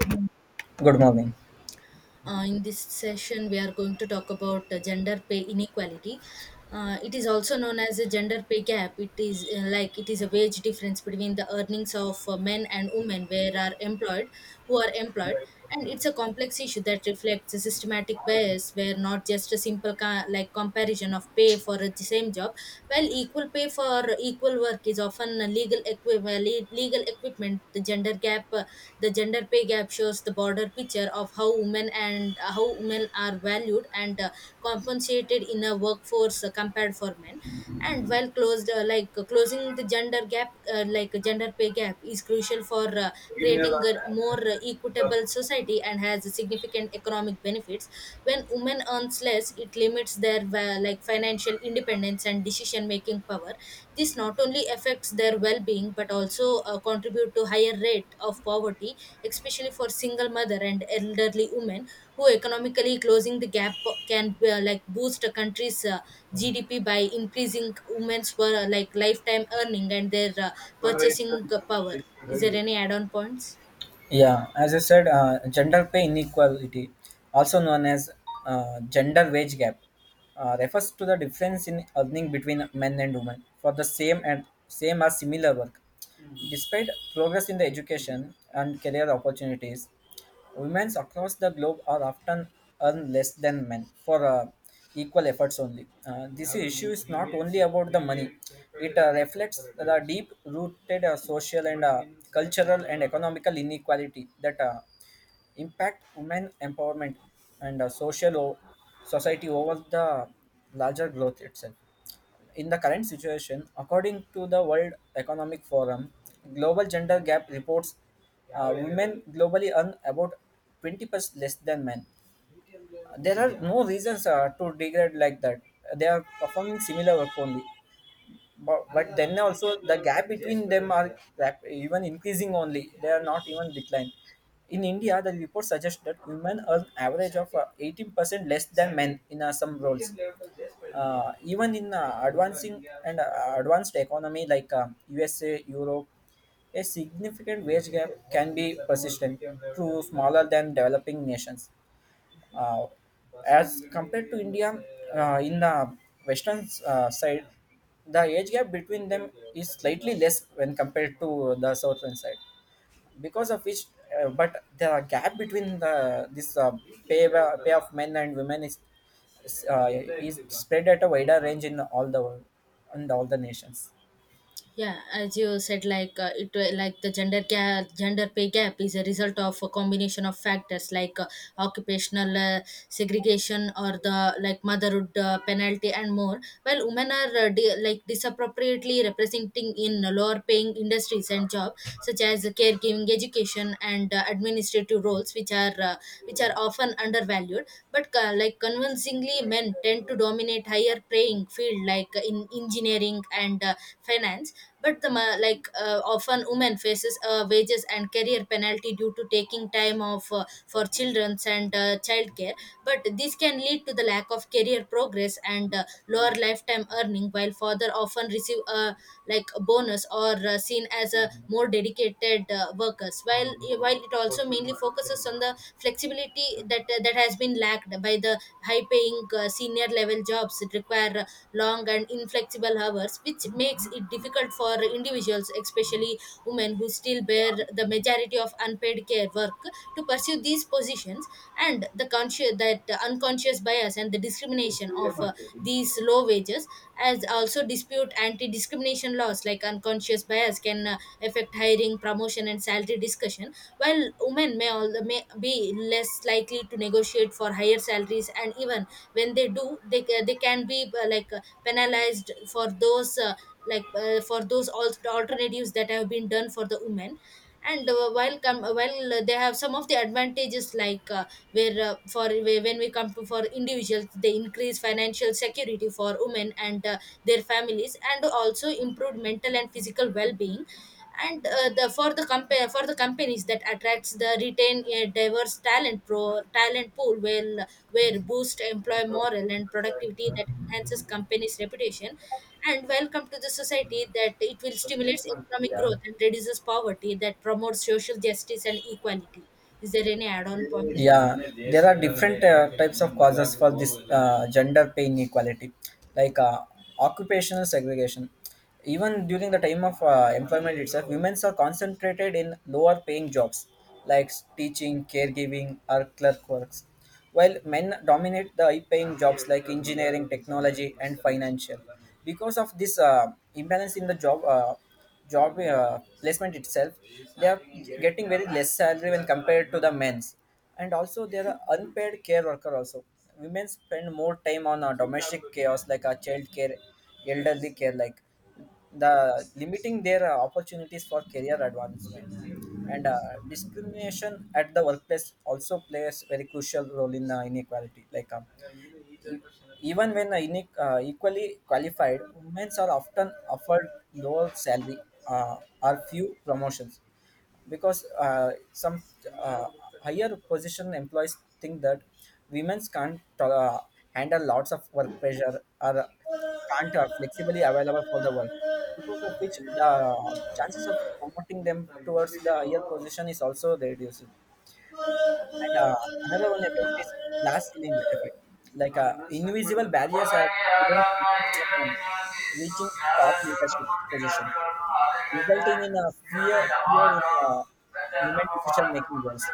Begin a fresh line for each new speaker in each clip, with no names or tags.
Uh,
Good morning.
in this session, we are going to talk about gender pay inequality. It is also known as a gender pay gap. It is like it is a wage difference between the earnings of men and women who are employed, and it's a complex issue that reflects a systematic bias where not just a simple like comparison of pay for the same job, while equal pay for equal work is often a legal equivalent legal equipment. The gender pay gap shows the broader picture of how women and how women are valued and compensated in a workforce compared for men. And while closed like closing the gender pay gap is crucial for creating a more equitable society and has significant economic benefits. When women earns less, it limits their like financial independence and decision making power. This not only affects their well-being but also contribute to higher rate of poverty, especially for single mother and elderly women who economically. Closing the gap can like boost a country's gdp by increasing women's like lifetime earning and their purchasing power. Is there any add-on points?
Yeah, as I said, gender pay inequality, also known as gender wage gap, refers to the difference in earning between men and women for the same and same or similar work. Despite progress in the education and career opportunities, women across the globe are often earn less than men for equal efforts only. This issue is not only about the money, it reflects the deep rooted social and cultural and economical inequality that impact women empowerment and society over the larger growth itself. In the current situation, according to the World Economic Forum, global gender gap reports women globally earn about 20% less than men. There are no reasons to degrade like that. They are performing similar work only but then also the gap between them are even increasing only, they are not even decline. In india, the report suggests that women earn average of 18% less than men in some roles. Even in advancing and advanced economy like usa, europe, a significant wage gap can be persistent, through smaller than developing nations, uh, as compared to india, in the western side. The age gap between them is slightly less when compared to the southern side, because of which but the gap between this uh, pay of men and women is, uh, is spread at a wider range in all the world and all the nations.
Yeah, as you said, like the gender pay gap is a result of a combination of factors like occupational segregation or the like motherhood penalty and more. While women are like disappropriately representing in lower paying industries and jobs such as caregiving, education and administrative roles, which are often undervalued. But like convincingly men tend to dominate higher their playing field like in engineering and finance. But the often women faces wages and career penalty due to taking time off for children's and childcare. But this can lead to the lack of career progress and lower lifetime earning, while father often receive a like a bonus or seen as a more dedicated workers. While it also mainly focuses on the flexibility that has been lacked by the high paying senior level jobs that require long and inflexible hours, which makes it difficult for individuals, especially women, who still bear the majority of unpaid care work to pursue these positions. And the conscious that unconscious bias and the discrimination of these low wages as also dispute anti-discrimination laws, like unconscious bias can affect hiring, promotion and salary discussion. While women may be less likely to negotiate for higher salaries, and even when they do, they can be penalized for those alternatives that have been done for the women. And while come while they have some of the advantages, like when we come to for individuals, they increase financial security for women and their families and also improved mental and physical well-being. And the for the companies that attracts the retain a diverse talent pool will where boost employee morale and productivity, that enhances company's reputation. And welcome to the society that it will stimulate economic growth and reduces poverty, that promotes social justice and equality. Is there any add-on point?
Yeah, there are different types of causes for this gender pay inequality, like occupational segregation. Even during the time of employment itself, women are concentrated in lower paying jobs like teaching, caregiving or clerk works, while men dominate the high paying jobs like engineering, technology and financial. Because of this imbalance in the job placement itself, they are getting very less salary when compared to the men's. And also there are unpaid care worker also. Women spend more time on domestic chaos like child care, elderly care, like the limiting their opportunities for career advancement. And discrimination at the workplace also plays very crucial role in inequality, like even when equally qualified, women are often offered lower salary or few promotions, because some uh, higher position employees think that women can't handle lots of work pressure or can't are flexibly available for the work, because of which the chances of promoting them towards the higher position is also reduced. And another one effect is glass ceiling effect. Like invisible barriers are prevent people from reaching top leadership position, resulting in a fear in human decision making goals.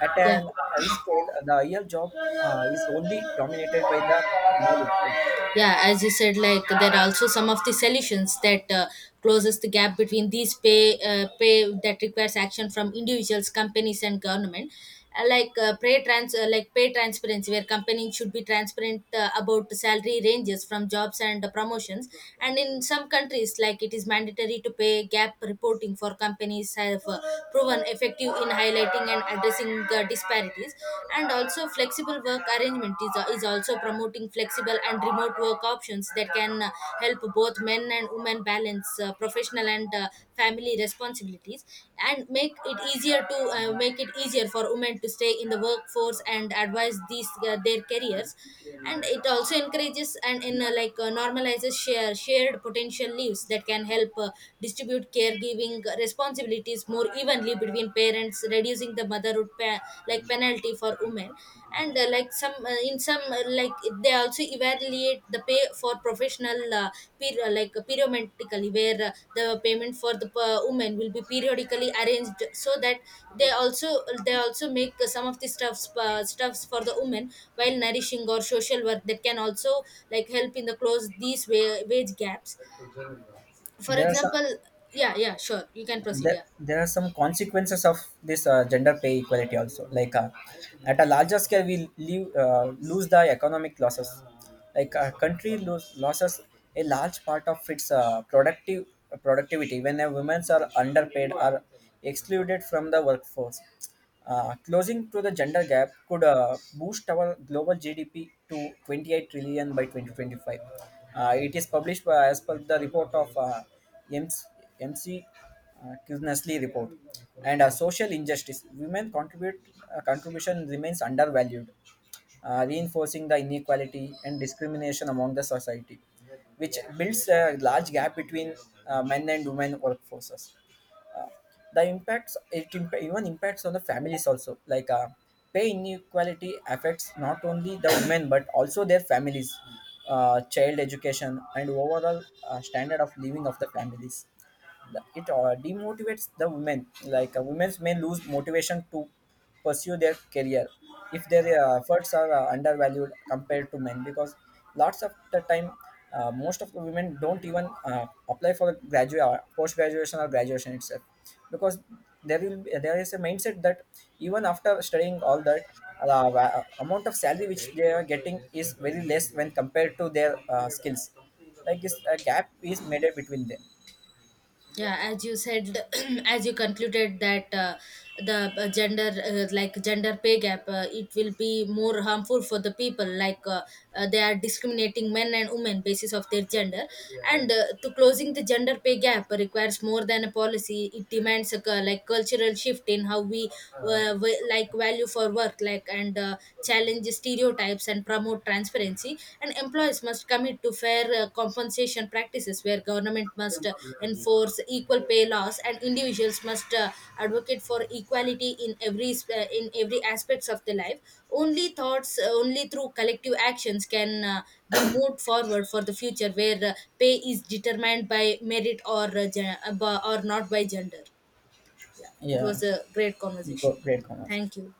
At
Yeah.
an high scale, the real job is only dominated by the male itself.
Yeah, as you said, like there are also some of the solutions that closes the gap between these pay that requires action from individuals, companies and government. Pay transparency where companies should be transparent about the salary ranges from jobs and promotions. And in some countries like it is mandatory to pay gap reporting for companies have proven effective in highlighting, communicating and addressing the disparities. And also flexible work arrangement is also promoting flexible and remote work options that can help both men and women balance professional and family responsibilities and make it easier to make it easier for women to stay in the workforce and advise these their careers. And it also encourages and in like normalizes shared potential leaves that can help distribute caregiving responsibilities more evenly between parents, reducing the motherhood penalty for women. And like some in some like they also evaluate the pay for professional like periodically, where the payment for the women will be periodically arranged so that they also they also make some of the stuffs stuffs for the women while nourishing or social work that can also like help in the close these wage gaps. For
There are some
example, yeah, yeah, sure, you can proceed.
there,
Yeah,
there are some consequences of this gender pay equality also, like at a larger scale we lose the economic losses, like a country loses a large part of its productive productivity when a women are underpaid or excluded from the workforce. Closing to the gender gap could boost our global GDP to 28 trillion by 2025. It is published by, as per the report of MC, Kuznetsly report, and social injustice. Women contribute contribution remains undervalued, reinforcing the inequality and discrimination among the society, which builds a large gap between men and women workforces. Uh, the even impacts on the families also. Like pay inequality affects not only the women but also their families, child education, and overall standard of living of the families. It demotivates the women. Like women may lose motivation to pursue their career if their efforts are undervalued compared to men, because lots of the time most of the women don't even apply for graduate post graduation or graduation itself, because there is a mindset that even after studying all that amount of salary which they are getting is very less when compared to their skills. Like this a gap is made up between them.
yeah, as you said, as you concluded that the gender gender pay gap it will be more harmful for the people, they are discriminating men and women basis of their gender. And to closing the gender pay gap requires more than a policy. It demands a cultural shift in how we like value for work and challenge stereotypes and promote transparency. And employees must commit to fair compensation practices, where government must enforce equal pay laws, and individuals must advocate for equality in every aspects of the life. Only through collective actions can be moved forward for the future where pay is determined by merit or not by gender. Yeah, it
Yeah,
was a great conversation.
reconocer.
Thank you.